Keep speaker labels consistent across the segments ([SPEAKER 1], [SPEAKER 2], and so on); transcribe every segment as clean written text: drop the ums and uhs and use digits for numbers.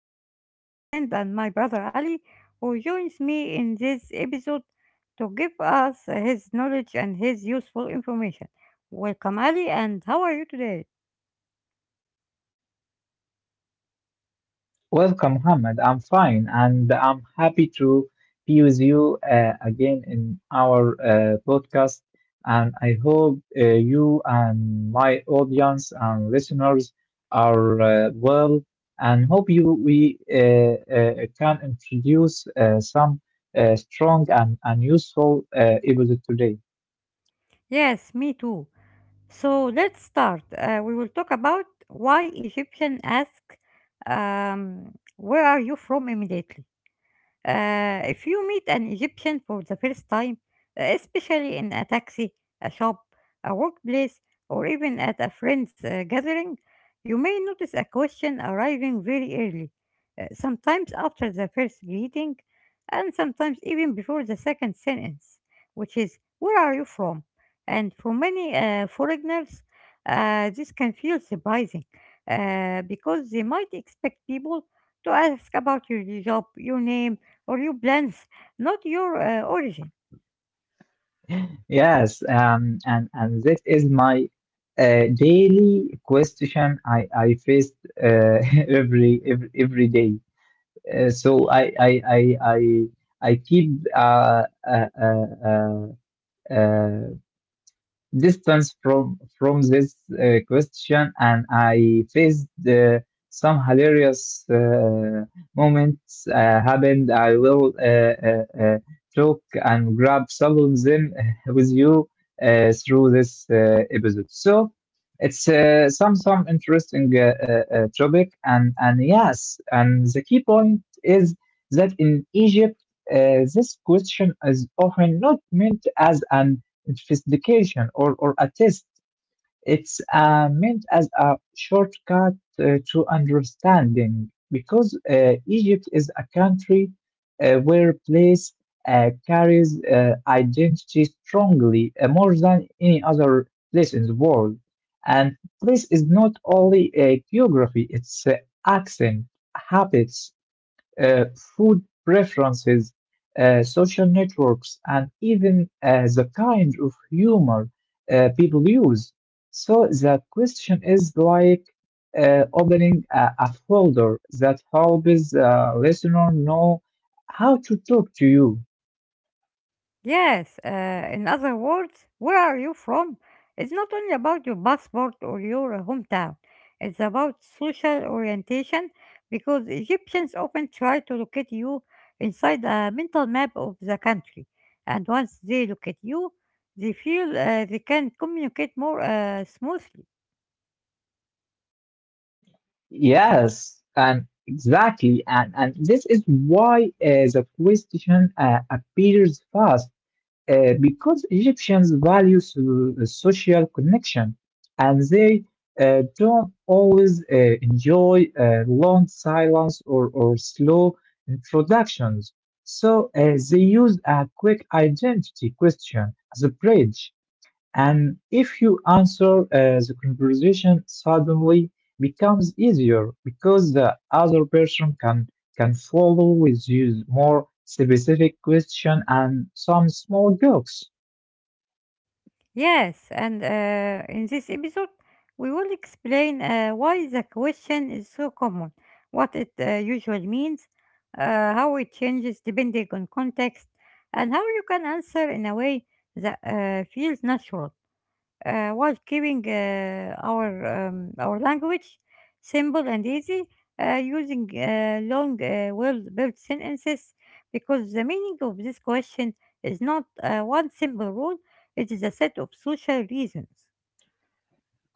[SPEAKER 1] today I have my friend and my brother Ali who joins me in this episode to give us his knowledge and his useful information. Welcome Ali and how are you today?
[SPEAKER 2] Welcome, Mohammed. I'm fine, and I'm happy to be with you again in our podcast. And I hope you and my audience and listeners are well, and hope you we can introduce some strong and useful episode today.
[SPEAKER 1] Yes, me too. So let's start. We will talk about why Egyptian ask where are you from immediately. If you meet an Egyptian for the first time, especially in a taxi, a shop, a workplace, or even at a friend's gathering, you may notice a question arriving very early, sometimes after the first greeting, and sometimes even before the second sentence, which is, where are you from? And for many foreigners, this can feel surprising because they might expect people to ask about your job, your name, or your plans, not your origin.
[SPEAKER 2] Yes, and this is my daily question I faced uh, every day. So I keep uh, uh, uh, uh, uh, distance from this question, and I faced some hilarious moments happened. I will talk and grab some of them with you through this episode. So it's some interesting topic. And yes, and the key point is that in Egypt this question is often not meant as an specification or a test. It's meant as a shortcut to understanding, because Egypt is a country where place carries identity strongly, more than any other place in the world. And place is not only a geography, it's the accent, habits, food preferences, social networks, and even the kind of humor people use. So that question is like opening a folder that helps the listener know how to talk to you.
[SPEAKER 1] Yes, in other words, where are you from? It's not only about your passport or your hometown, it's about social orientation because Egyptians often try to locate you inside a mental map of the country. And once they locate you, they feel they can communicate more smoothly.
[SPEAKER 2] Yes, and exactly, and this is why the question appears fast. Because Egyptians value social connection, and they don't always enjoy long silence or slow introductions. So they use a quick identity question as a bridge. And if you answer, the conversation suddenly becomes easier because the other person can follow with you more specific question and some small jokes.
[SPEAKER 1] Yes, and in this episode, we will explain why the question is so common, what it usually means, how it changes depending on context, and how you can answer in a way that feels natural while keeping our language simple and easy, using long, well-built sentences, because the meaning of this question is not one simple rule; it is a set of social reasons.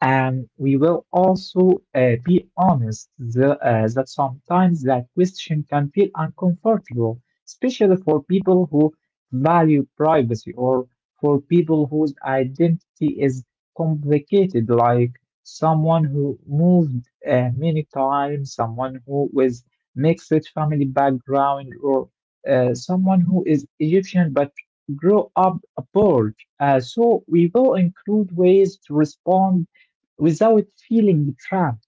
[SPEAKER 2] And we will also be honest that sometimes that question can feel uncomfortable, especially for people who value privacy, or for people whose identity is complicated, like someone who moved many times, someone who with mixed family background, or someone who is Egyptian but grow up abroad. So we will include ways to respond without feeling trapped.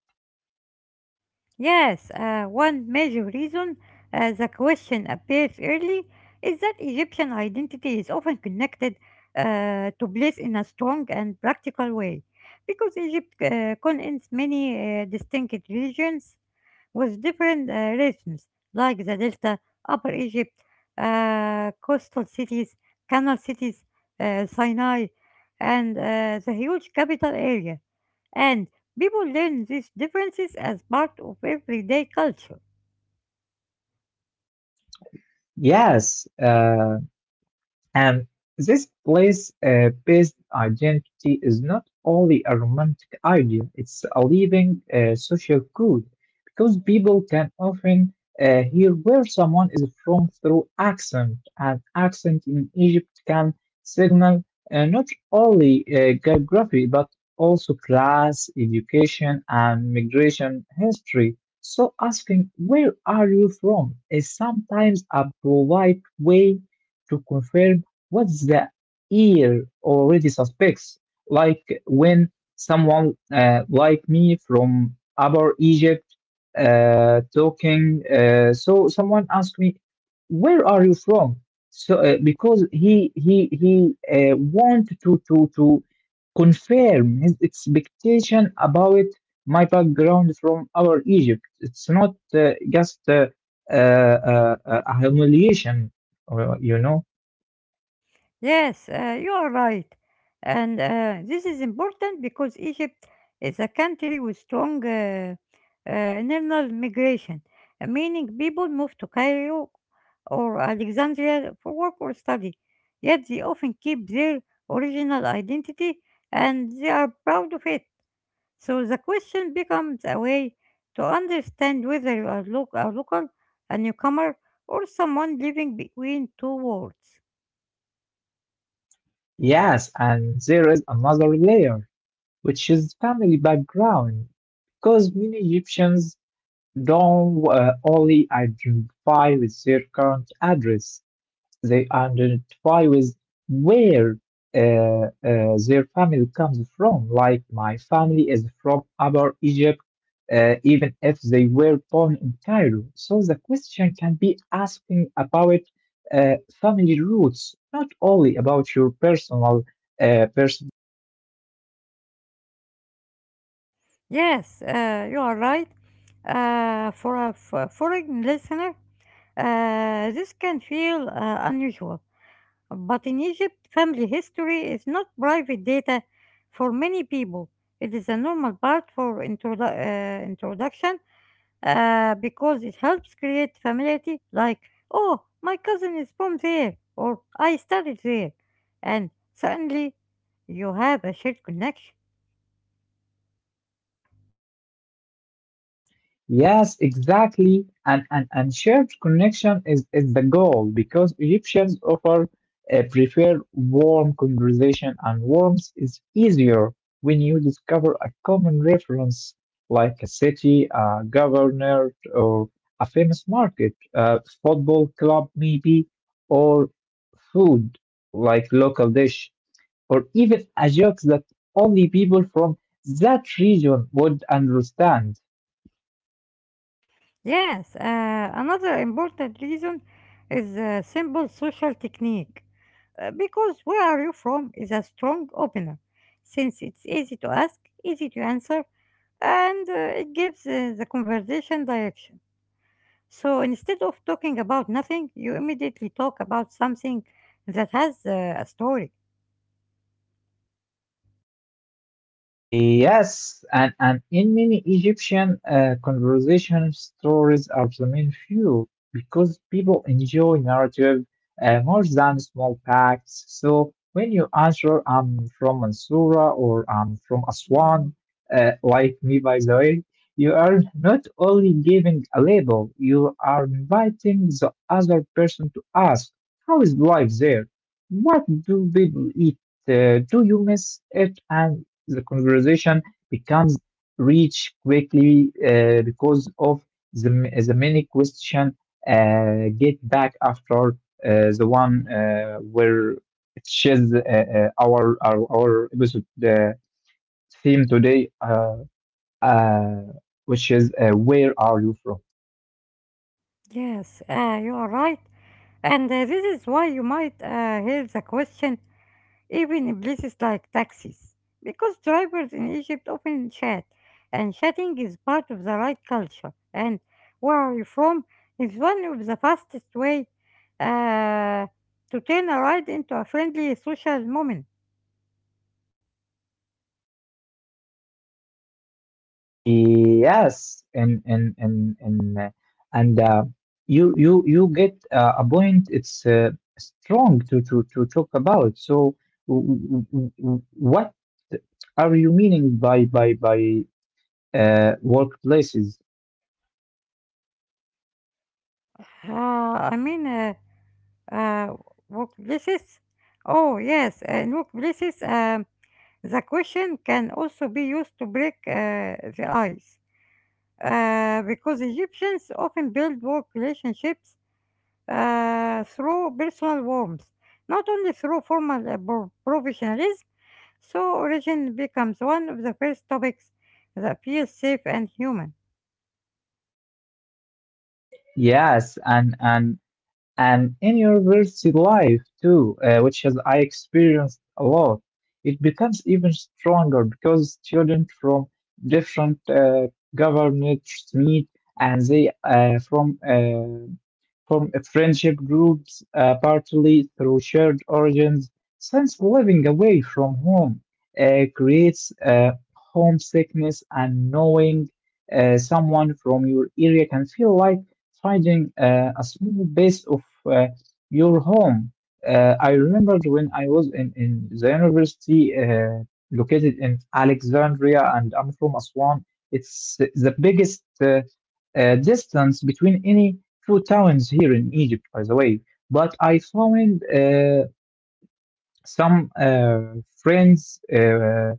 [SPEAKER 1] Yes, one major reason the question appears early is that Egyptian identity is often connected to place in a strong and practical way. Because Egypt contains many distinct regions with different rhythms, like the Delta, Upper Egypt, coastal cities, canal cities, Sinai, and the huge capital area and people learn these differences as part of everyday culture.
[SPEAKER 2] Yes, and this place based identity is not only a romantic idea, it's a living social code, because people can often hear where someone is from through accent, and accent in Egypt can signal not only geography but also class, education, and migration history. So asking where are you from is sometimes a polite way to confirm what the ear already suspects, like when someone like me from Upper Egypt talking. So someone asked me, "Where are you from?" So because he wanted to to confirm his expectation about my background from our Egypt. It's not just uh, uh, a humiliation, you know.
[SPEAKER 1] Yes, you are right. And this is important because Egypt is a country with strong internal migration, meaning people move to Cairo or Alexandria for work or study. Yet they often keep their original identity and they are proud of it. So the question becomes a way to understand whether you are a local, a newcomer, or someone living between two worlds.
[SPEAKER 2] Yes, and there is another layer, which is family background, because many Egyptians don't only identify with their current address. They identify with where uh, uh, their family comes from. Like my family is from Upper Egypt, even if they were born in Cairo. So the question can be asking about uh, family roots, not only about your personal personal.
[SPEAKER 1] Yes, you are right. For a foreign listener, this can feel unusual, but in Egypt, family history is not private data for many people. It is a normal part for introduction because it helps create familiarity, like, oh, my cousin is from there, or I studied there, and suddenly you have a shared connection.
[SPEAKER 2] Yes, exactly. And shared connection is the goal, because Egyptians offer prefer warm conversation, and warmth is easier when you discover a common reference like a city, a governor, or a famous market, a football club maybe, or food like local dish, or even a joke that only people from that region would understand.
[SPEAKER 1] Yes, another important reason is simple social technique. Because where are you from is a strong opener, since it's easy to ask, easy to answer, and it gives the conversation direction. So instead of talking about nothing, you immediately talk about something that has a story.
[SPEAKER 2] Yes, and in many Egyptian conversation, stories are the main fuel because people enjoy narrative more than small facts. So when you answer, I'm from Mansoura or I'm from Aswan, uh, like me by the way, you are not only giving a label, you are inviting the other person to ask, how is life there? What do people eat? Do you miss it? And the conversation becomes rich quickly because of the, the many question get back after the one where it shares our episode theme today, uh, which is where are you from?
[SPEAKER 1] Yes, you are right. And this is why you might hear the question even in places like taxis, because drivers in Egypt often chat, and chatting is part of the right culture. And where are you from is one of the fastest way uh, to turn a ride into a friendly social moment.
[SPEAKER 2] Yes, and you get a point. It's strong to to talk about. So what are you meaning by by workplaces?
[SPEAKER 1] Uh, I mean, uh, workplaces. Oh yes, in workplaces, the question can also be used to break the ice. Because Egyptians often build work relationships through personal warmth, not only through formal professionalism. So origin becomes one of the first topics that feels safe and human.
[SPEAKER 2] Yes, and in your university life too, which has I experienced a lot. It becomes even stronger because students from different governments meet, and they from friendship groups, partly through shared origins. Since living away from home creates homesickness, and knowing someone from your area can feel like finding a small base of your home. I remembered when I was in the university located in Alexandria, and I'm from Aswan. It's the biggest distance between any two towns here in Egypt, by the way. But I found some friends.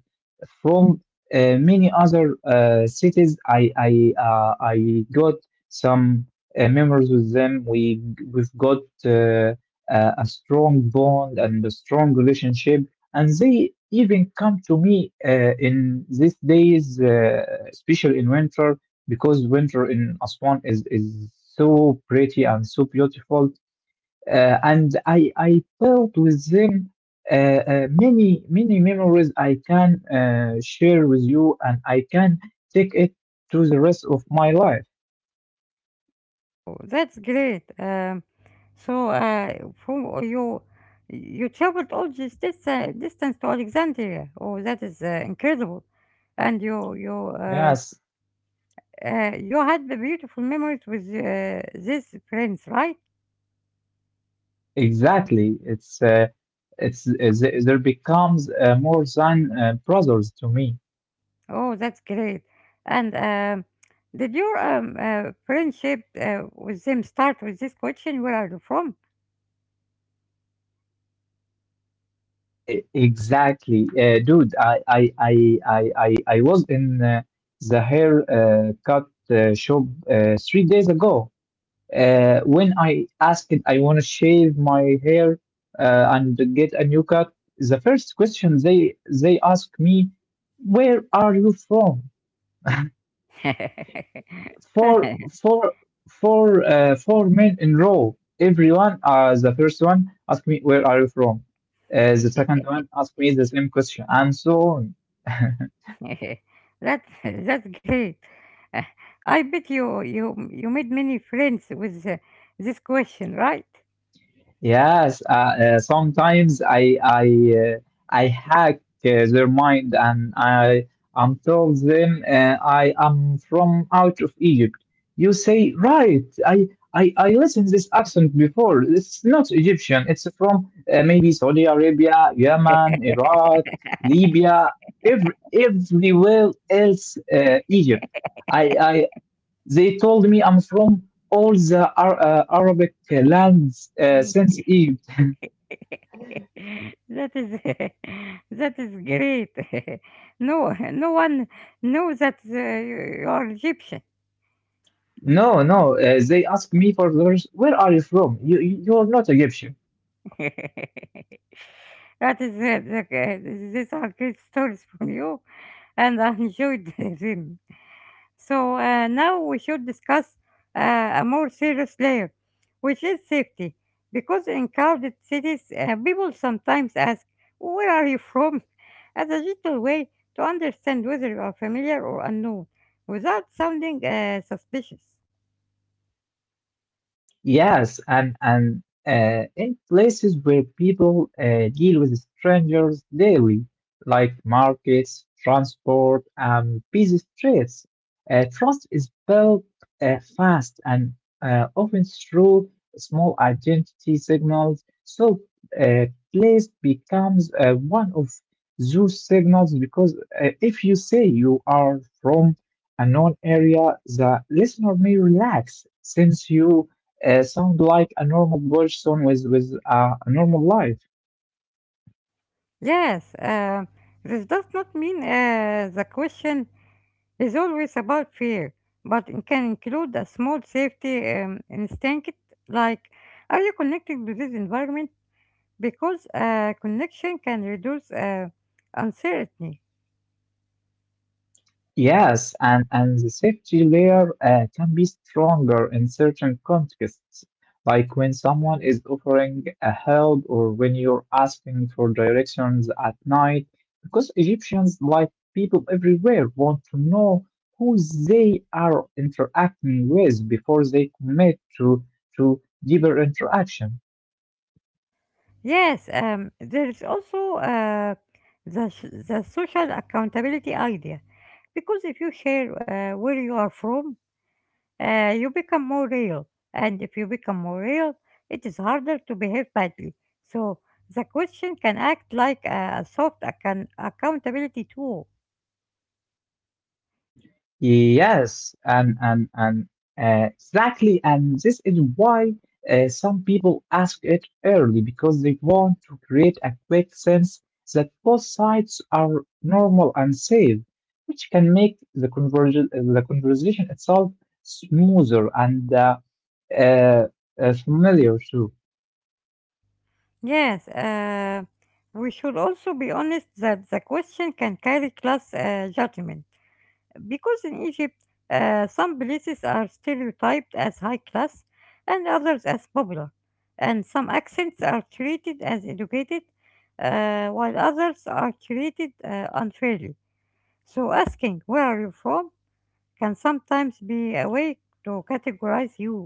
[SPEAKER 2] From many other cities. I got some memories with them. We've got a strong bond and a strong relationship, and they even come to me in these days, especially in winter, because winter in Aswan is so pretty and so beautiful. And I built with them many, many memories I can share with you, and I can take it to the rest of my life.
[SPEAKER 1] Oh, that's great. So from you, you traveled all this distance to Alexandria. Oh, that is incredible. And you you um,
[SPEAKER 2] Yes,
[SPEAKER 1] uh, you had the beautiful memories with these friends, right?
[SPEAKER 2] exactly. They there becomes more than brothers to me.
[SPEAKER 1] Oh, that's great. And did your friendship with them start with this question, where are you from?
[SPEAKER 2] E- Exactly, dude. I I I was in the hair cut shop three days ago. When I asked, I want to shave my hair and get a new cut. The first question they ask me, "Where are you from?" four four four four men in row. Everyone, the first one asked me, "Where are you from?" The second one asked me the same question, and so on.
[SPEAKER 1] That that's great. Uh, I bet you made many friends with this question, right?
[SPEAKER 2] Yes, sometimes I hack their mind, and I I'm told them I am from out of Egypt. You say right. I listened this accent before. It's not Egyptian. It's from maybe Saudi Arabia, Yemen, Iraq, Libya, everywhere else, Egypt. I they told me I'm from all the Arabic lands since Egypt.
[SPEAKER 1] That is that is great. No, no one knows that you you are Egyptian.
[SPEAKER 2] No, no. They asked me for the where are you from? You're not Egyptian.
[SPEAKER 1] That is it, okay. These are great stories from you, and I enjoyed them. So now we should discuss a more serious layer, which is safety. Because in crowded cities, people sometimes ask, where are you from? as a gentle way to understand whether you are familiar or unknown without sounding suspicious.
[SPEAKER 2] Yes, and in places where people deal with strangers daily, like markets, transport, and busy streets, trust is built fast, and often through small identity signals. So, uh, place becomes one of those signals because if you say you are from a known area, the listener may relax, since you sound like a normal person with a normal life.
[SPEAKER 1] Yes, this does not mean the question it's always about fear, but it can include a small safety instinct like, are you connected to this environment? Because connection can reduce uncertainty.
[SPEAKER 2] Yes, and the safety layer can be stronger in certain contexts, like when someone is offering a help or when you're asking for directions at night, because Egyptians, like people everywhere, want to know who they are interacting with before they commit to deeper interaction.
[SPEAKER 1] Yes, there is also the social accountability idea. Because if you share where you are from, you become more real. And if you become more real, it is harder to behave badly. So the question can act like a soft accountability tool.
[SPEAKER 2] Yes, and exactly, and this is why some people ask it early because they want to create a quick sense that both sides are normal and safe, which can make the conversation itself smoother and uh, familiar too.
[SPEAKER 1] Yes, we should also be honest that the question can carry class judgment. Because in Egypt, some places are stereotyped as high class and others as popular. And some accents are treated as educated, while others are treated unfairly. So asking where are you from can sometimes be a way to categorize you.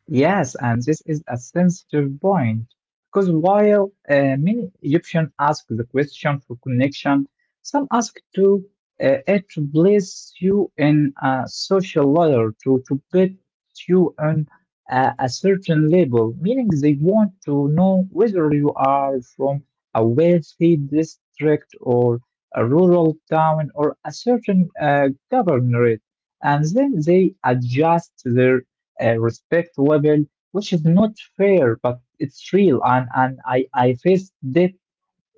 [SPEAKER 2] Yes, and this is a sensitive point, because while many Egyptians ask the question for connection, some ask to it to place you in a social ladder, to put you on a certain level, meaning they want to know whether you are from a wealthy district or a rural town or a certain governorate, and then they adjust their respect level, which is not fair, but it's real. And I faced that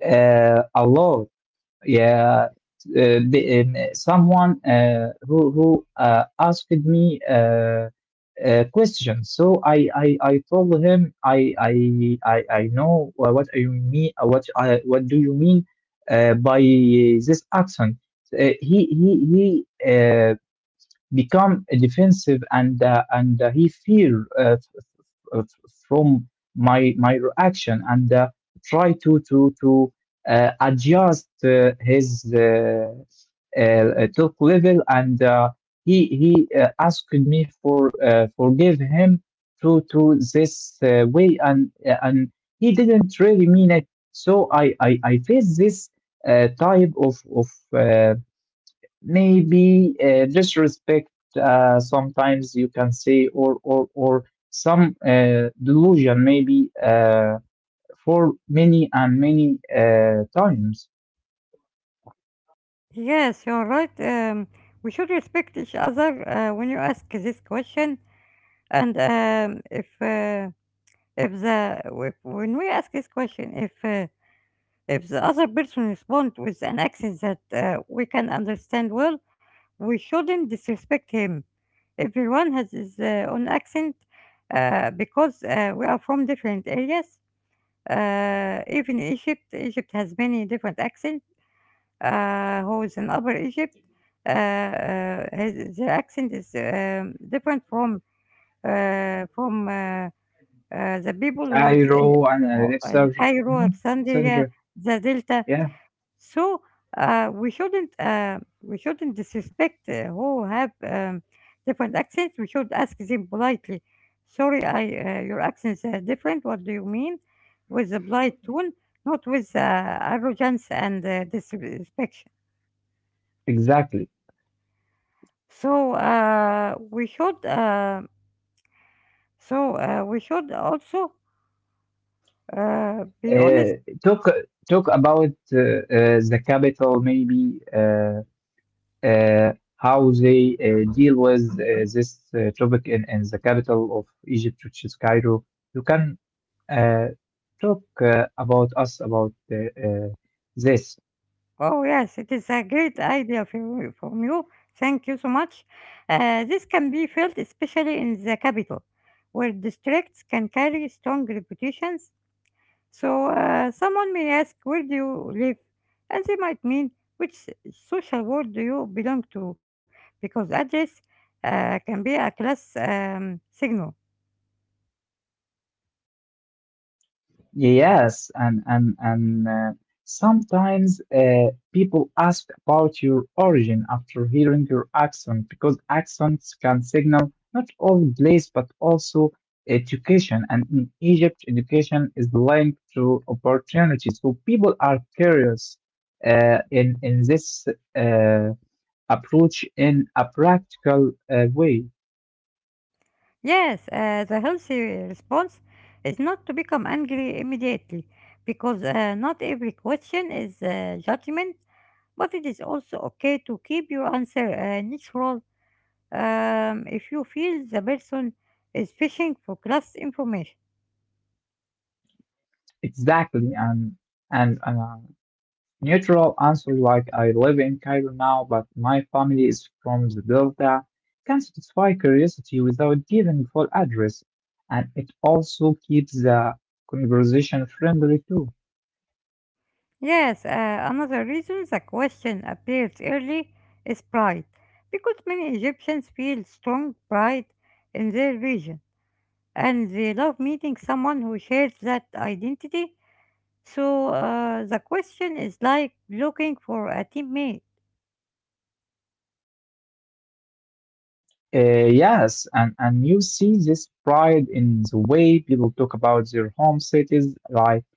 [SPEAKER 2] a lot. Yeah. Someone who asked me questions. So I told him I know what I mean. What I, what do you mean by this accent? He he he. Become defensive and he fear from my reaction and try to adjust his talk level and he asked me for forgive him to this way, and he didn't really mean it. So I face this type of uh, maybe disrespect, sometimes you can say, or some delusion maybe, for many and many times.
[SPEAKER 1] Yes, you're right. We should respect each other when you ask this question. And if the if, when we ask this question, if the other person responds with an accent that we can understand well, we shouldn't disrespect him. Everyone has his own accent because we are from different areas. Even Egypt, Egypt has many different accent. Who is in Upper Egypt? The accent is different from uh, from uh, the people who is
[SPEAKER 2] Iro
[SPEAKER 1] in
[SPEAKER 2] and
[SPEAKER 1] uh,
[SPEAKER 2] Alexa.
[SPEAKER 1] Cairo,
[SPEAKER 2] Mhm. Sandra.
[SPEAKER 1] Alexandria, the Delta.
[SPEAKER 2] Yeah.
[SPEAKER 1] So we shouldn't disrespect who have different accents. We should ask them politely. Sorry, I your accents are different. What do you mean? With a polite tone, not with arrogance and disrespect.
[SPEAKER 2] Exactly.
[SPEAKER 1] So uh, we should uh, so we should also be
[SPEAKER 2] uh,
[SPEAKER 1] honest.
[SPEAKER 2] talk talk about the capital maybe. How they deal with this topic in the capital of Egypt, which is Cairo. You can uh, talk about us about this.
[SPEAKER 1] Oh, yes, it is a great idea from you. From you. Thank you so much. This can be felt especially in the capital, where districts can carry strong reputations. So someone may ask, where do you live? And they might mean, which social world do you belong to? Because address can be a class signal.
[SPEAKER 2] Yes, and sometimes, people ask about your origin after hearing your accent, because accents can signal not only place but also education. And in Egypt, education is linked to opportunity, so people are curious in this uh, approach in a practical way.
[SPEAKER 1] Yes, the healthy response is not to become angry immediately because not every question is judgment, but it is also okay to keep your answer neutral if you feel the person is fishing for cross information.
[SPEAKER 2] Exactly, and neutral answer, like "I live in Cairo now, but my family is from the Delta," can satisfy curiosity without giving full address, and it also keeps the conversation friendly too.
[SPEAKER 1] Yes, another reason the question appears early is pride because many Egyptians feel strong pride in their region and they love meeting someone who shares that identity. So the question is like looking for a teammate.
[SPEAKER 2] Uh, yes, and you see this pride in the way people talk about their home cities, like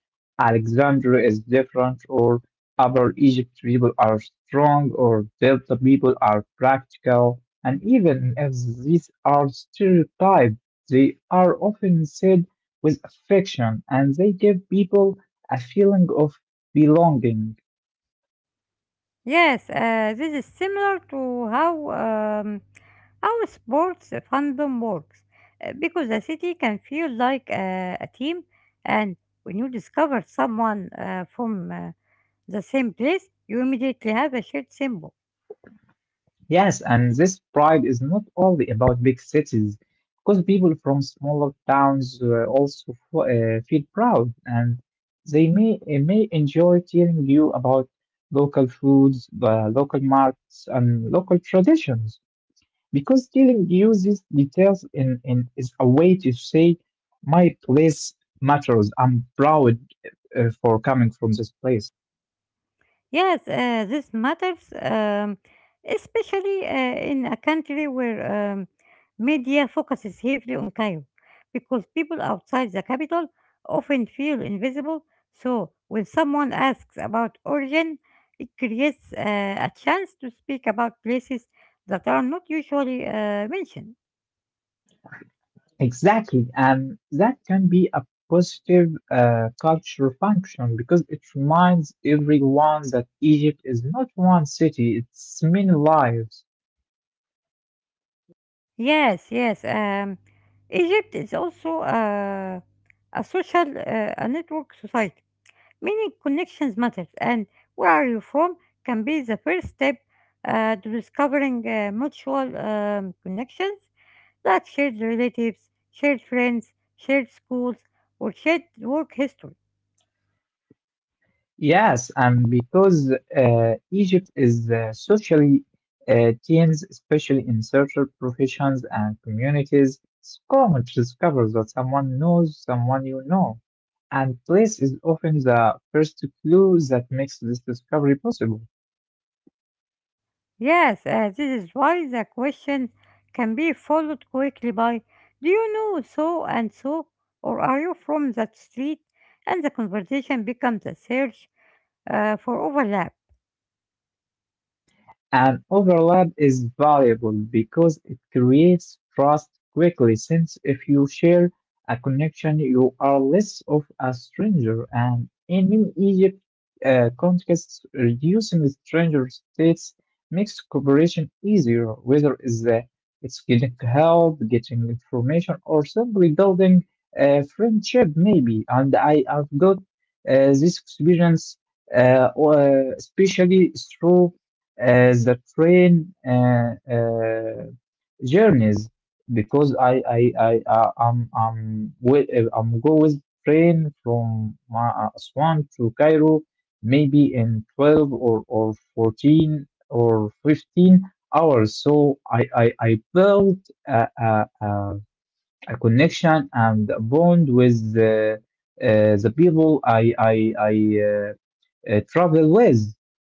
[SPEAKER 2] "Alexandria is different," or "Upper Egypt people are strong," or "Delta people are practical." And even if these are stereotypes, they are often said with affection, and they give people a feeling of belonging.
[SPEAKER 1] Yes, this is similar to um, how sports fandom works, because a city can feel like a team, and when you discover someone from the same place, you immediately have a shared symbol.
[SPEAKER 2] Yes, and this pride is not only about big cities, because people from smaller towns also feel proud, and they may enjoy telling you about local foods, local markets, and local traditions. Because telling you these details is a way to say, "My place matters. I'm proud for coming from this place."
[SPEAKER 1] Yes, this matters, especially in a country where media focuses heavily on Cairo, because people outside the capital often feel invisible. So, when someone asks about origin, it creates a chance to speak about places that are not usually mentioned.
[SPEAKER 2] Exactly, and that can be a positive culture function, because it reminds everyone that Egypt is not one city, it's many lives.
[SPEAKER 1] Yes, yes. Egypt is also a social, a network society meaning connections matter, and where are you from can be the first step to discovering mutual connections like shared relatives, shared friends, shared schools, or shared work history.
[SPEAKER 2] Yes, and because Egypt is socially teams, especially in certain professions and communities, it's common to discover that someone knows someone you know, and place is often the first clue that makes this discovery possible.
[SPEAKER 1] Yes, this is why the question can be followed quickly by, do you know so and so? Or are you from that street? And the conversation becomes a search for overlap.
[SPEAKER 2] An overlap is valuable because it creates trust quickly, since if you share a connection, you are less of a stranger. And in many Egypt contexts, reducing stranger states makes cooperation easier, whether it's getting help, getting information, or simply building a friendship, maybe. And I have got this experience, especially through as the train journeys, because I'm go with train from Aswan to Cairo maybe in 12 or 14 or 15 hours. So I built a, a, a a connection and a bond with uh, the people I travel with.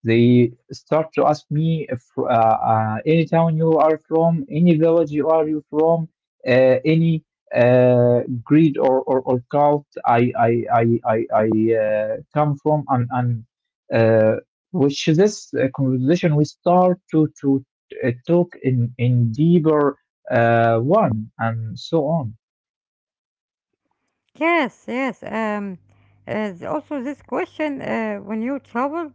[SPEAKER 2] They start to ask me, if, "Any town you are from, any village you are you from, uh, any greed, or cult I come from?" And and uh, which this conversation, we start to talk in deeper one, and so on.
[SPEAKER 1] Yes, yes. Also, this question, when you travel,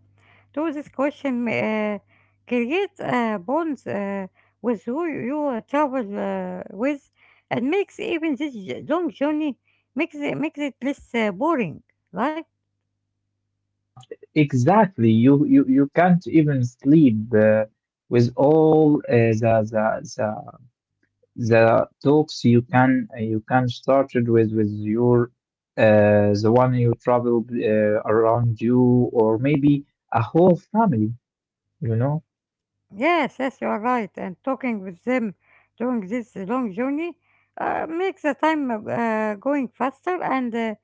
[SPEAKER 1] do this question create bonds with who you travel with, and makes even this long journey makes it less boring, right?
[SPEAKER 2] Exactly. You can't even sleep with all the talks you can, you can started with your, the one you traveled around you, or maybe a whole family. You know.
[SPEAKER 1] Yes, yes, you are right. And talking with them during this long journey makes the time going faster, and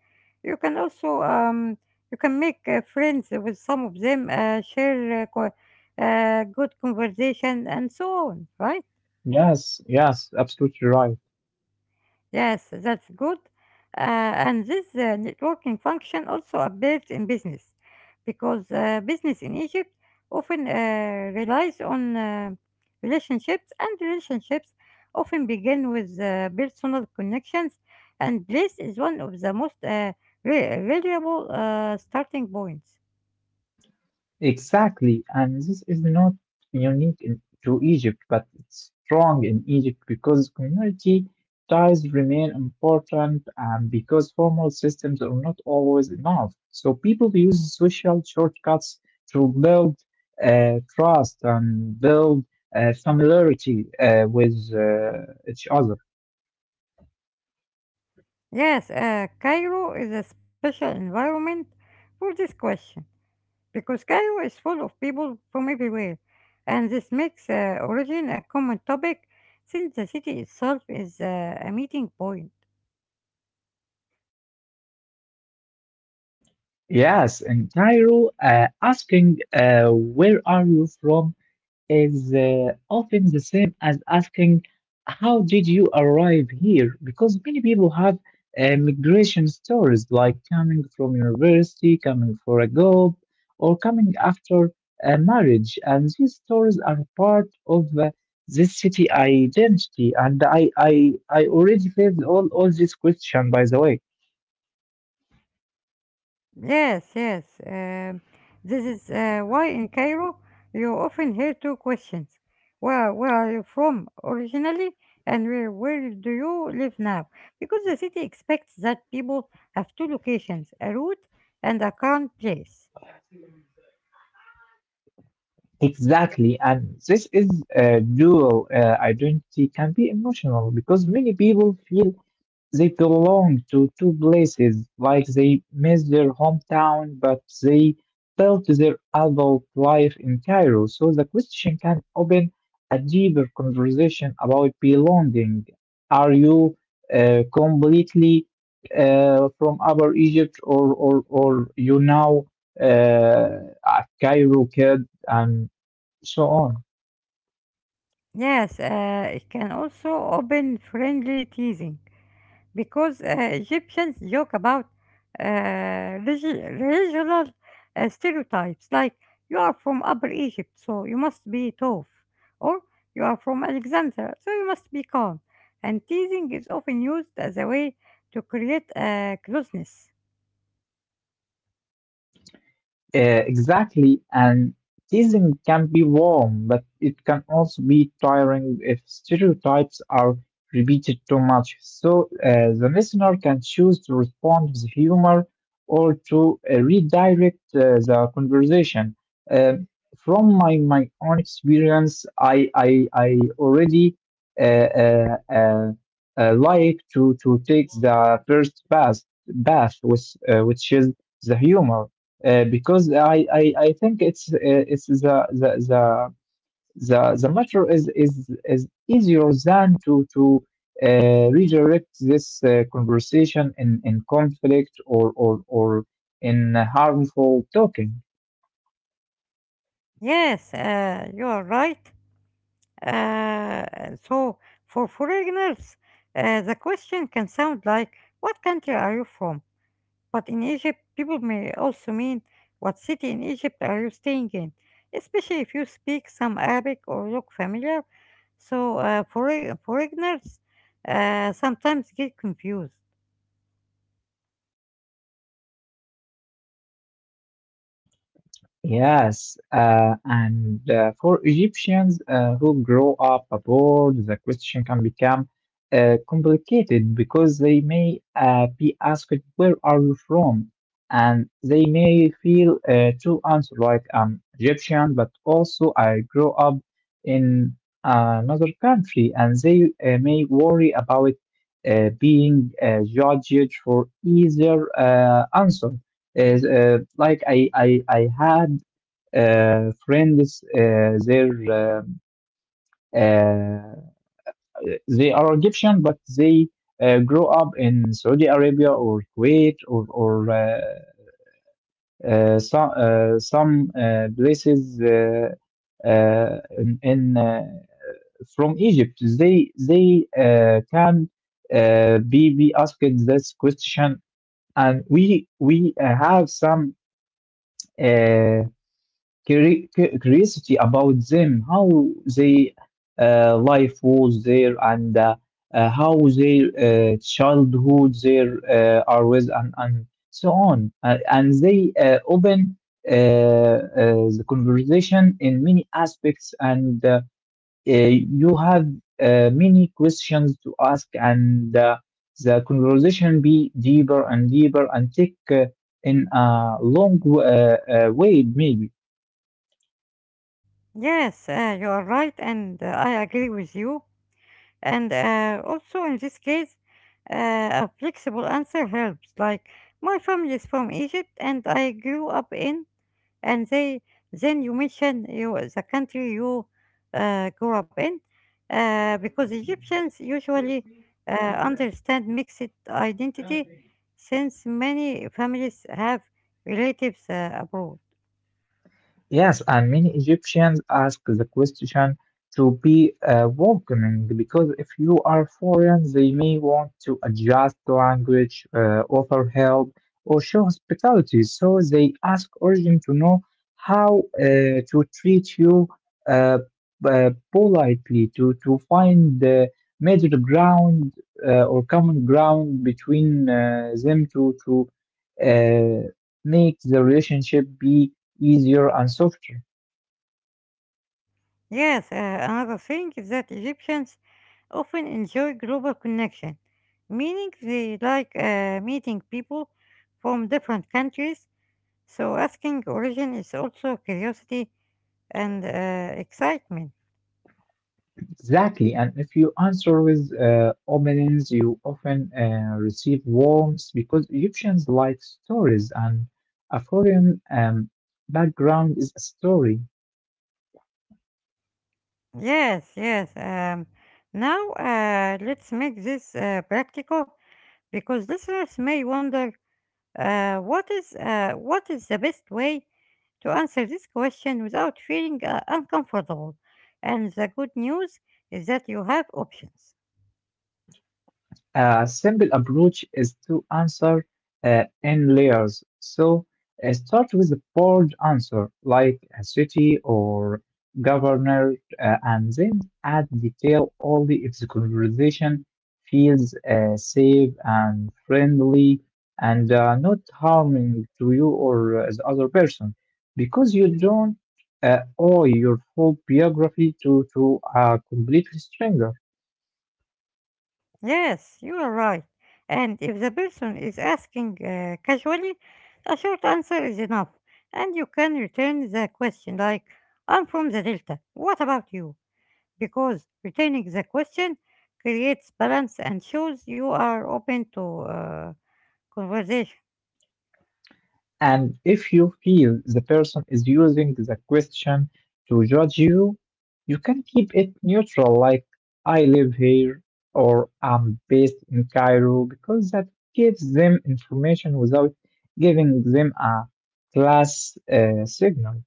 [SPEAKER 1] you can also you can make friends with some of them, share good conversation, and so on, right?
[SPEAKER 2] Yes. Yes. Absolutely right.
[SPEAKER 1] Yes, that's good. Uh, and this networking function also appears in business because business in Egypt often relies on relationships, and relationships often begin with personal connections, and this is one of the most reliable starting points.
[SPEAKER 2] Exactly, and this is not unique to Egypt, but it's strong in Egypt because community ties remain important and because formal systems are not always enough. So people use social shortcuts to build trust and build familiarity with each other.
[SPEAKER 1] Yes, Cairo is a special environment for this question because Cairo is full of people from everywhere, and this makes origin a common topic since the city itself is a meeting point.
[SPEAKER 2] Yes, in Cairo, asking "Where are you from?" is often the same as asking, "How did you arrive here?" Because many people have migration stories, like coming from university, coming for a job, or coming after a marriage. And these stories are part of this city identity. And I already faced all this question, by the way.
[SPEAKER 1] Yes, yes. This is why in Cairo you often hear two questions. Where are you from originally, and where do you live now? Because the city expects that people have two locations, a route and a current place.
[SPEAKER 2] Exactly, and this is a dual identity, can be emotional, because many people feel they belong to two places, like they miss their hometown, but they built their adult life in Cairo. So the question can open a deeper conversation about belonging. Are you completely from Upper Egypt, or you now a Cairo kid? And so on.
[SPEAKER 1] Yes, it can also open friendly teasing, because Egyptians joke about regional stereotypes like you are from Upper Egypt, so you must be tough, or you are from Alexandria, so you must be calm. And teasing is often used as a way to create closeness.
[SPEAKER 2] Exactly, and teasing can be warm, but it can also be tiring if stereotypes are repeated too much. So, the listener can choose to respond with humor, or to redirect the conversation. Um from my own experience, I already uh, uh, uh, like to take the first path, with which is the humor. Because I think it's the matter is easier than to uh, redirect this conversation in conflict, or in harmful talking.
[SPEAKER 1] Yes, you are right. So, for foreigners, the question can sound like, "What country are you from?" But in Egypt, people may also mean what city in Egypt are you staying in, especially if you speak some Arabic or look familiar. So for foreigners sometimes get confused.
[SPEAKER 2] Yes, and for Egyptians who grow up abroad, the question can become complicated, because they may be asked, "Where are you from?" And they may feel to answer, like "I'm Egyptian, but also I grow up in another country," and they may worry about being judged for either answer. Is like I had friends, uh, they are Egyptian, but they grow up in Saudi Arabia or Kuwait, or some places, in from Egypt. They can be asked this question, and we have some. Uh, Curiosity about them, how they life was there, and how their childhood there are with, and so on. And they open the conversation in many aspects, and you have many questions to ask, and the conversation be deeper and deeper, and take in a long way, maybe.
[SPEAKER 1] Yes, you are right, and I agree with you. And also in this case, a flexible answer helps. Like my family is from Egypt, and I grew up in. And they, then you mention you, the country you grew up in, because Egyptians usually understand mixed identity since many families have relatives abroad.
[SPEAKER 2] Yes, and many Egyptians ask the question to be welcoming, because if you are foreign, they may want to adjust the language, offer help, or show hospitality. So they ask origin to know how to treat you uh, politely, to find the middle ground, or common ground between them, to uh, make the relationship be easier and softer.
[SPEAKER 1] Yes, another thing is that Egyptians often enjoy global connection, meaning they like meeting people from different countries, so asking origin is also curiosity and excitement.
[SPEAKER 2] Exactly, and if you answer with opinions, you often receive warmth, because Egyptians like stories, and a foreign background is a story.
[SPEAKER 1] Yes, yes. Now, let's make this practical because listeners may wonder what is the best way to answer this question without feeling uncomfortable. And the good news is that you have options.
[SPEAKER 2] A simple approach is to answer in layers. So, start with a bold answer, like a city or governor, and then add detail only if the conversation feels safe and friendly, and not harming to you or the other person, because you don't owe your whole biography to a complete stranger.
[SPEAKER 1] Yes, you are right. And if the person is asking casually, a short answer is enough. And you can return the question like, "I'm from the Delta. What about you?" Because returning the question creates balance and shows you are open to conversation.
[SPEAKER 2] And if you feel the person is using the question to judge you, you can keep it neutral, like "I live here," or "I'm based in Cairo," because that gives them information without giving them a class signal.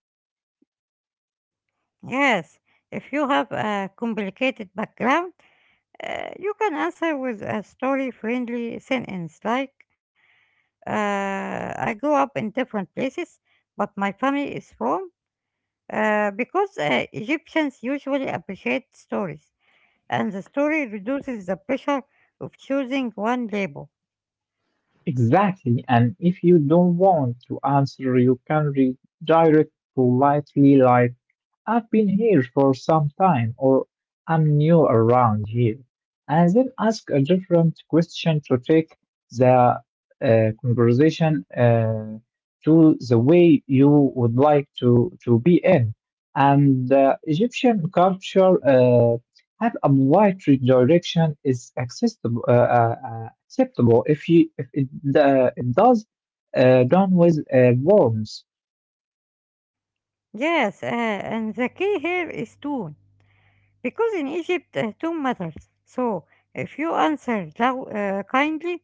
[SPEAKER 1] Yes, if you have a complicated background, you can answer with a story friendly sentence like, uh, "I grew up in different places, but my family is from." Because Egyptians usually appreciate stories, and the story reduces the pressure of choosing one label.
[SPEAKER 2] Exactly. And if you don't want to answer, you can redirect politely, like, "I've been here for some time," or "I'm new around here." And then ask a different question to take the conversation to the way you would like to be in. And Egyptian culture. Have a wide direction is accessible, acceptable, if you if it, it does, done with worms.
[SPEAKER 1] Yes, and the key here is tone, because in Egypt tone matters. So if you answer kindly,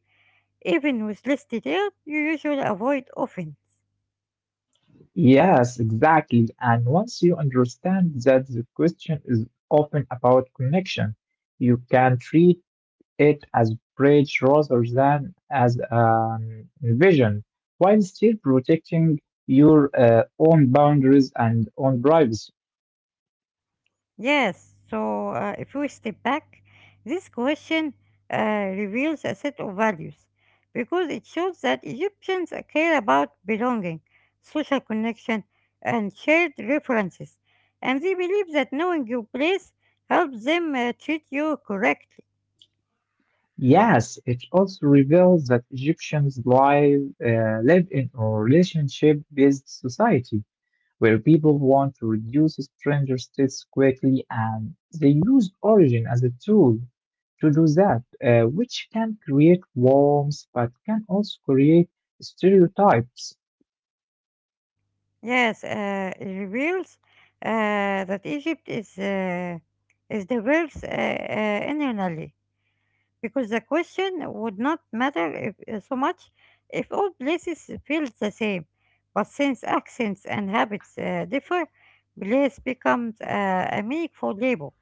[SPEAKER 1] even with less detail, you usually avoid offense.
[SPEAKER 2] Yes, exactly. And once you understand that the question is often about connection, you can treat it as bridge rather than as an vision, while still protecting your own boundaries and own privacy.
[SPEAKER 1] Yes, so if we step back, this question reveals a set of values because it shows that Egyptians care about belonging, social connection, and shared references, and they believe that knowing your place helps them treat you correctly.
[SPEAKER 2] Yes, it also reveals that Egyptians live in a relationship-based society, where people want to reduce stranger states quickly and they use origin as a tool to do that, which can create warmth but can also create stereotypes.
[SPEAKER 1] Yes, it reveals that Egypt is diverse internally because the question would not matter if, so much if all places feel the same. But since accents and habits differ, place becomes a meaningful label.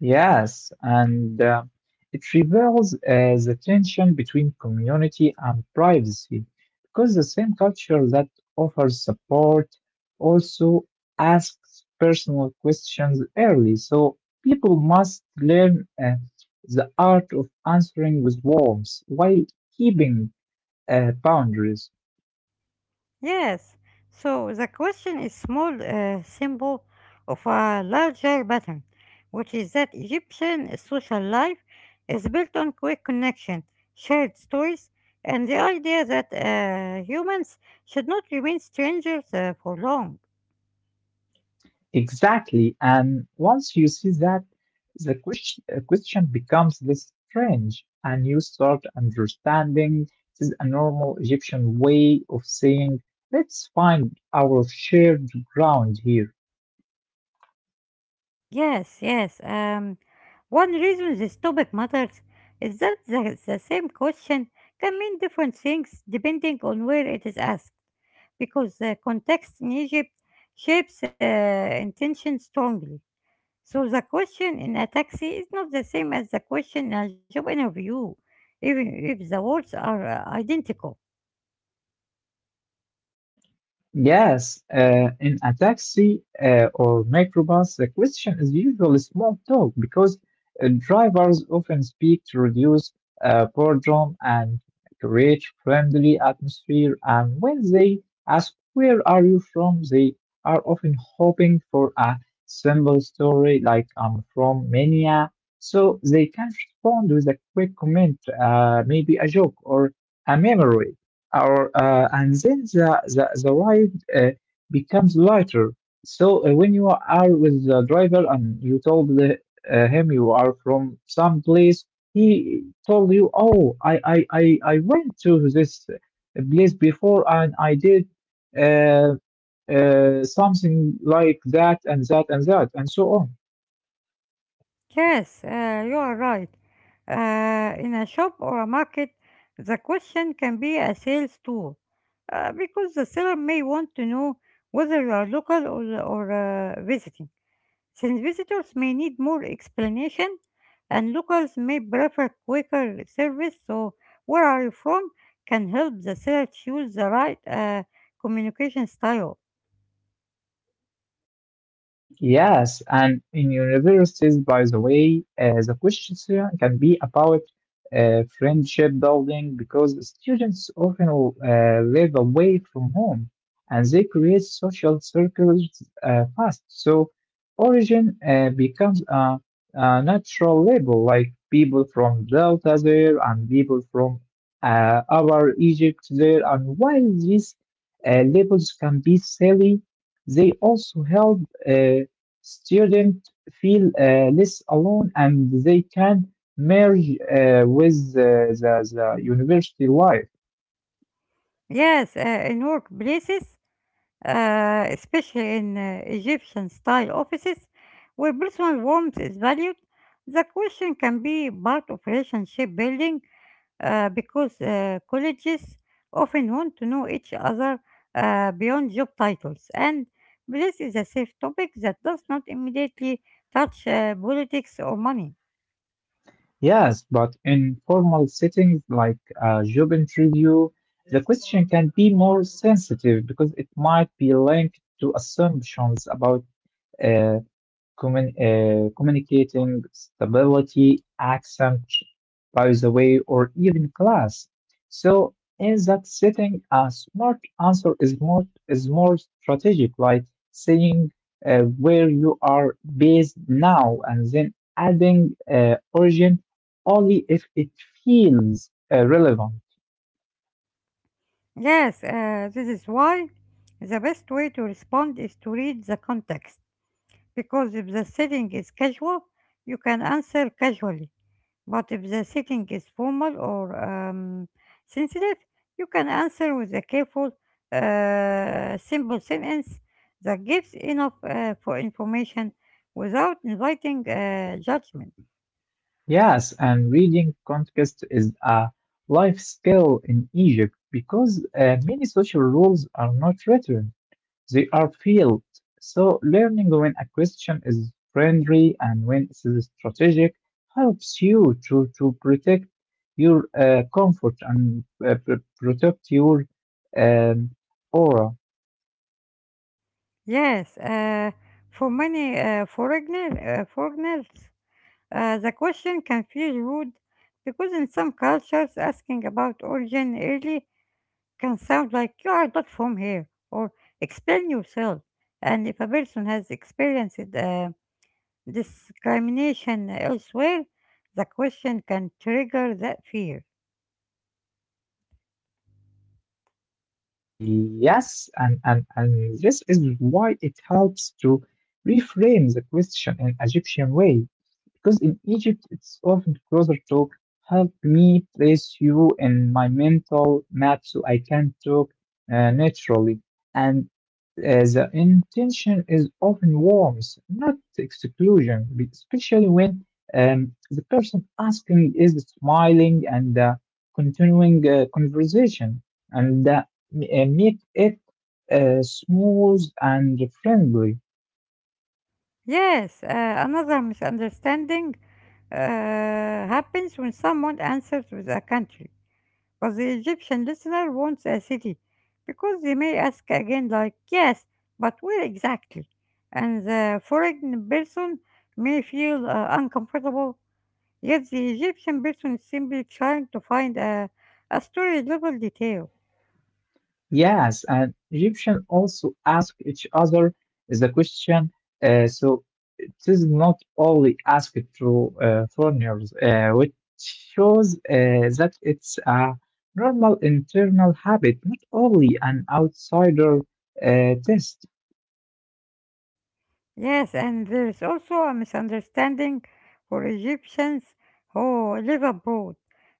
[SPEAKER 2] Yes, and it reveals the tension between community and privacy, because the same culture that offers support also asks personal questions early. So people must learn the art of answering with warmth while keeping boundaries.
[SPEAKER 1] Yes, so the question is small symbol of a larger pattern, which is that Egyptian social life is built on quick connection, shared stories, and the idea that humans should not remain strangers for long.
[SPEAKER 2] Exactly. And once you see that, the question becomes less strange, and you start understanding, this is a normal Egyptian way of saying, "Let's find our shared ground here."
[SPEAKER 1] Yes, yes. One reason this topic matters is that the same question can mean different things depending on where it is asked, because the context in Egypt shapes intention strongly. So the question in a taxi is not the same as the question in a job interview, even if the words are identical.
[SPEAKER 2] Yes, in a taxi or microbus, the question is usually small talk, because drivers often speak to reduce boredom and create friendly atmosphere. And when they ask, "Where are you from?" they are often hoping for a simple story, like "I'm from Mania," so they can respond with a quick comment, maybe a joke or a memory. Our and then the ride becomes lighter. So when you are with the driver and you told him you are from some place, he told you, "Oh, I went to this place before and I did." Uh, Something like that and that and that and so on.
[SPEAKER 1] Yes, you are right. In a shop or a market, the question can be a sales tool because the seller may want to know whether you are local or visiting, since visitors may need more explanation and locals may prefer quicker service. So, "Where are you from?" can help the seller choose the right communication style.
[SPEAKER 2] Yes, and in universities, by the way, the questions here can be about friendship building because students often live away from home and they create social circles fast. So, origin becomes a natural label, like people from Delta there and people from our Egypt there. And while these labels can be silly, they also help uh, Students feel less alone and they can merge uh, with the, the, the university life.
[SPEAKER 1] Yes, in workplaces, especially in Egyptian style offices where personal warmth is valued, the question can be part of relationship building because colleges often want to know each other beyond job titles. And this is a safe topic that does not immediately touch politics or money.
[SPEAKER 2] Yes, but in formal settings like a job interview, the question can be more sensitive because it might be linked to assumptions about uh, communicating stability, accent, by the way, or even class. So in that setting, a smart answer is more strategic, like saying where you are based now and then adding origin only if it feels relevant.
[SPEAKER 1] Yes, this is why the best way to respond is to read the context, because if the setting is casual, you can answer casually. But if the setting is formal or sensitive, you can answer with a careful, simple sentence that gives enough for information without inviting judgment.
[SPEAKER 2] Yes, and reading context is a life skill in Egypt because many social rules are not written. They are field. So learning when a question is friendly and when it is strategic helps you to protect your comfort and protect your um, aura.
[SPEAKER 1] Yes, for many foreigners, the question can feel rude because in some cultures, asking about origin early can sound like you are not from here or explain yourself. And if a person has experienced discrimination elsewhere, the question can trigger that fear.
[SPEAKER 2] Yes, and this is why it helps to reframe the question in Egyptian way, because in Egypt it's often closer to help me place you in my mental map so I can talk naturally. And the intention is often warmth, not exclusion, especially when the person asking is smiling and continuing conversation. And make it smooth and friendly.
[SPEAKER 1] Yes, another misunderstanding uh, happens when someone answers with a country, but the Egyptian listener wants a city because they may ask again, like, "Yes, but where exactly?" And the foreign person may feel uncomfortable, yet the Egyptian person is simply trying to find a story level detail.
[SPEAKER 2] Yes, and Egyptians also ask each other the question. So it is not only asked to foreigners, which shows that it's a normal internal habit, not only an outsider test.
[SPEAKER 1] Yes, and there is also a misunderstanding for Egyptians who live abroad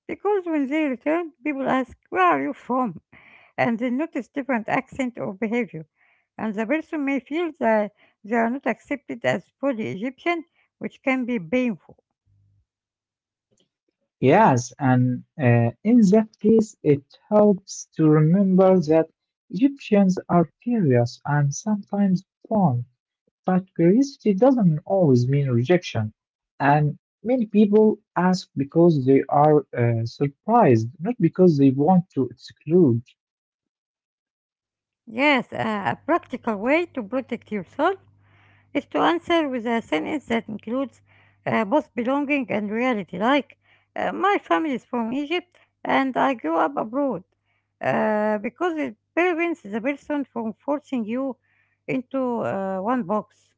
[SPEAKER 1] because when they return, people ask, "Where are you from?" and they notice different accent or behavior. And the person may feel that they are not accepted as fully Egyptian, which can be painful.
[SPEAKER 2] Yes, and in that case, it helps to remember that Egyptians are curious and sometimes fond, but curiosity doesn't always mean rejection. And many people ask because they are surprised, not because they want to exclude.
[SPEAKER 1] Yes, a practical way to protect yourself is to answer with a sentence that includes both belonging and reality, like, "My family is from Egypt and I grew up abroad," because it prevents the person from forcing you into one box.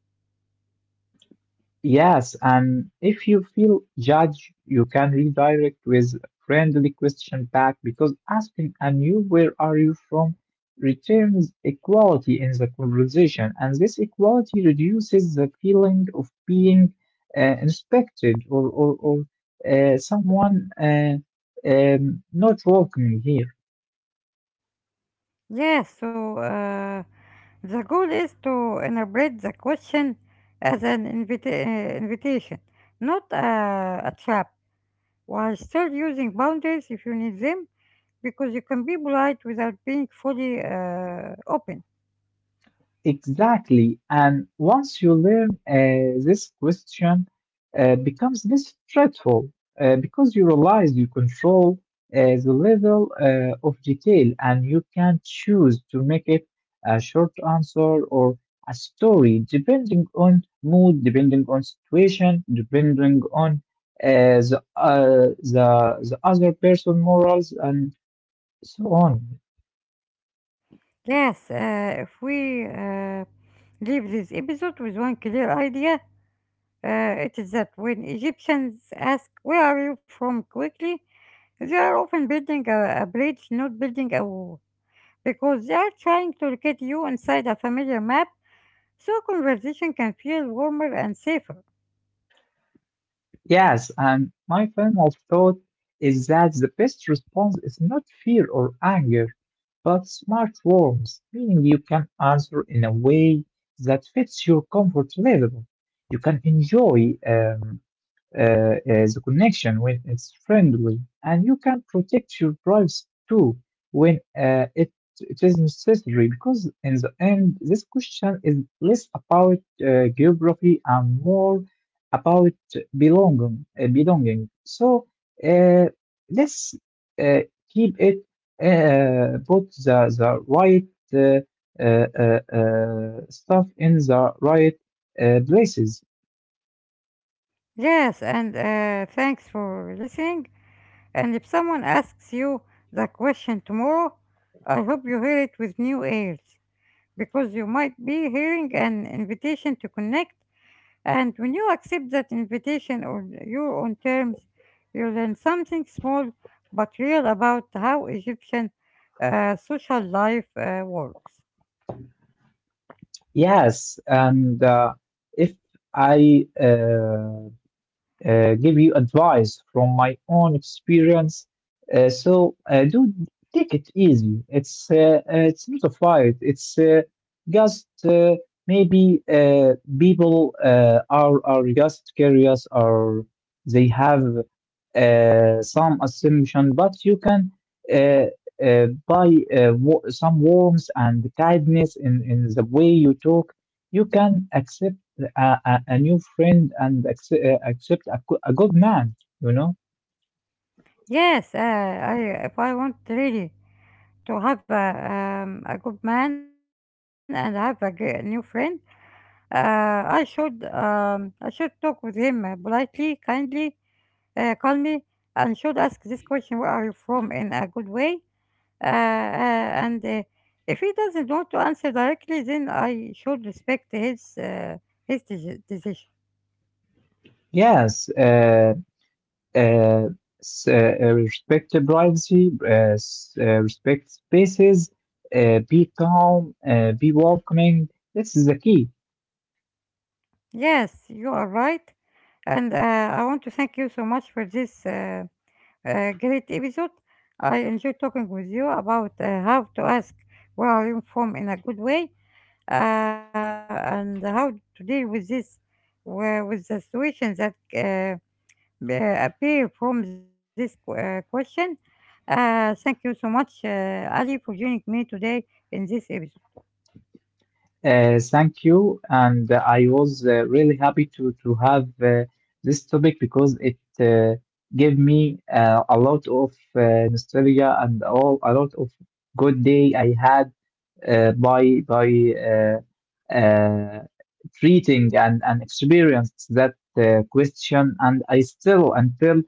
[SPEAKER 2] Yes, and if you feel judged, you can redirect with friendly question back because asking and you where are you from returns equality in the conversation, and this equality reduces the feeling of being inspected or someone not welcoming here.
[SPEAKER 1] Yes, so the goal is to interpret the question as an invitation, not a trap, while still using boundaries if you need them, because you can be polite without being fully open.
[SPEAKER 2] Exactly. And once you learn this question, becomes less stressful because you realize you control the level of detail and you can choose to make it a short answer or a story depending on mood, depending on situation, depending on uh, the, uh, the, the other person morals and so on.
[SPEAKER 1] Yes, if we leave this episode with one clear idea, it is that when Egyptians ask, "Where are you from?" quickly, they are often building a bridge, not building a wall, because they are trying to locate you inside a familiar map so conversation can feel warmer and safer.
[SPEAKER 2] Yes, and my final thought is that the best response is not fear or anger, but smart warmth, meaning you can answer in a way that fits your comfort level. You can enjoy the connection when it's friendly, and you can protect your privacy too when uh, it, it is necessary. Because in the end, this question is less about geography and more about belonging. Belonging. So uh, let's uh, keep it put the right uh, stuff in the right places.
[SPEAKER 1] Yes, and thanks for listening. And if someone asks you the question tomorrow, I hope you hear it with new ears because you might be hearing an invitation to connect. And when you accept that invitation on your own terms, you learn something small but real about how Egyptian social life works.
[SPEAKER 2] Yes, and if I give you advice from my own experience, so do take it easy. It's not a fight. It's just maybe people are just curious, or they have some assumption, but you can uh, by some warmth and kindness in the way you talk, you can accept a new friend and accept, accept a good man, you know?
[SPEAKER 1] Yes, I if I want really to have a good man and have a new friend, I should talk with him politely, kindly, calmly, and should ask this question: "Where are you from?" in a good way. And if he doesn't want to answer directly, then I should respect his decision.
[SPEAKER 2] Yes. Uh, Respect the privacy, respect spaces, be calm, be welcoming. This is the key.
[SPEAKER 1] Yes, you are right, and I want to thank you so much for this. Great episode. I enjoy talking with you about how to ask where are you from in a good way and how to deal with this, where, with the situations that appear from this question. Thank you so much, Ali, for joining me today in this episode.
[SPEAKER 2] Thank you, and I was really happy to have this topic because it gave me a lot of nostalgia and all a lot of good day I had by uh, uh, treating and experience that question, and I still until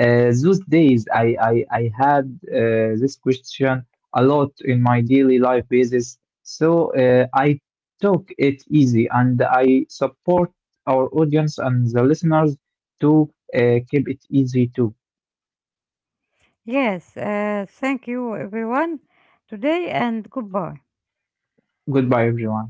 [SPEAKER 2] uh, those days I had this question a lot in my daily life basis, so I took it easy and I support our audience and the listeners to keep it easy too.
[SPEAKER 1] Yes, thank you, everyone, today, and goodbye.
[SPEAKER 2] Goodbye, everyone.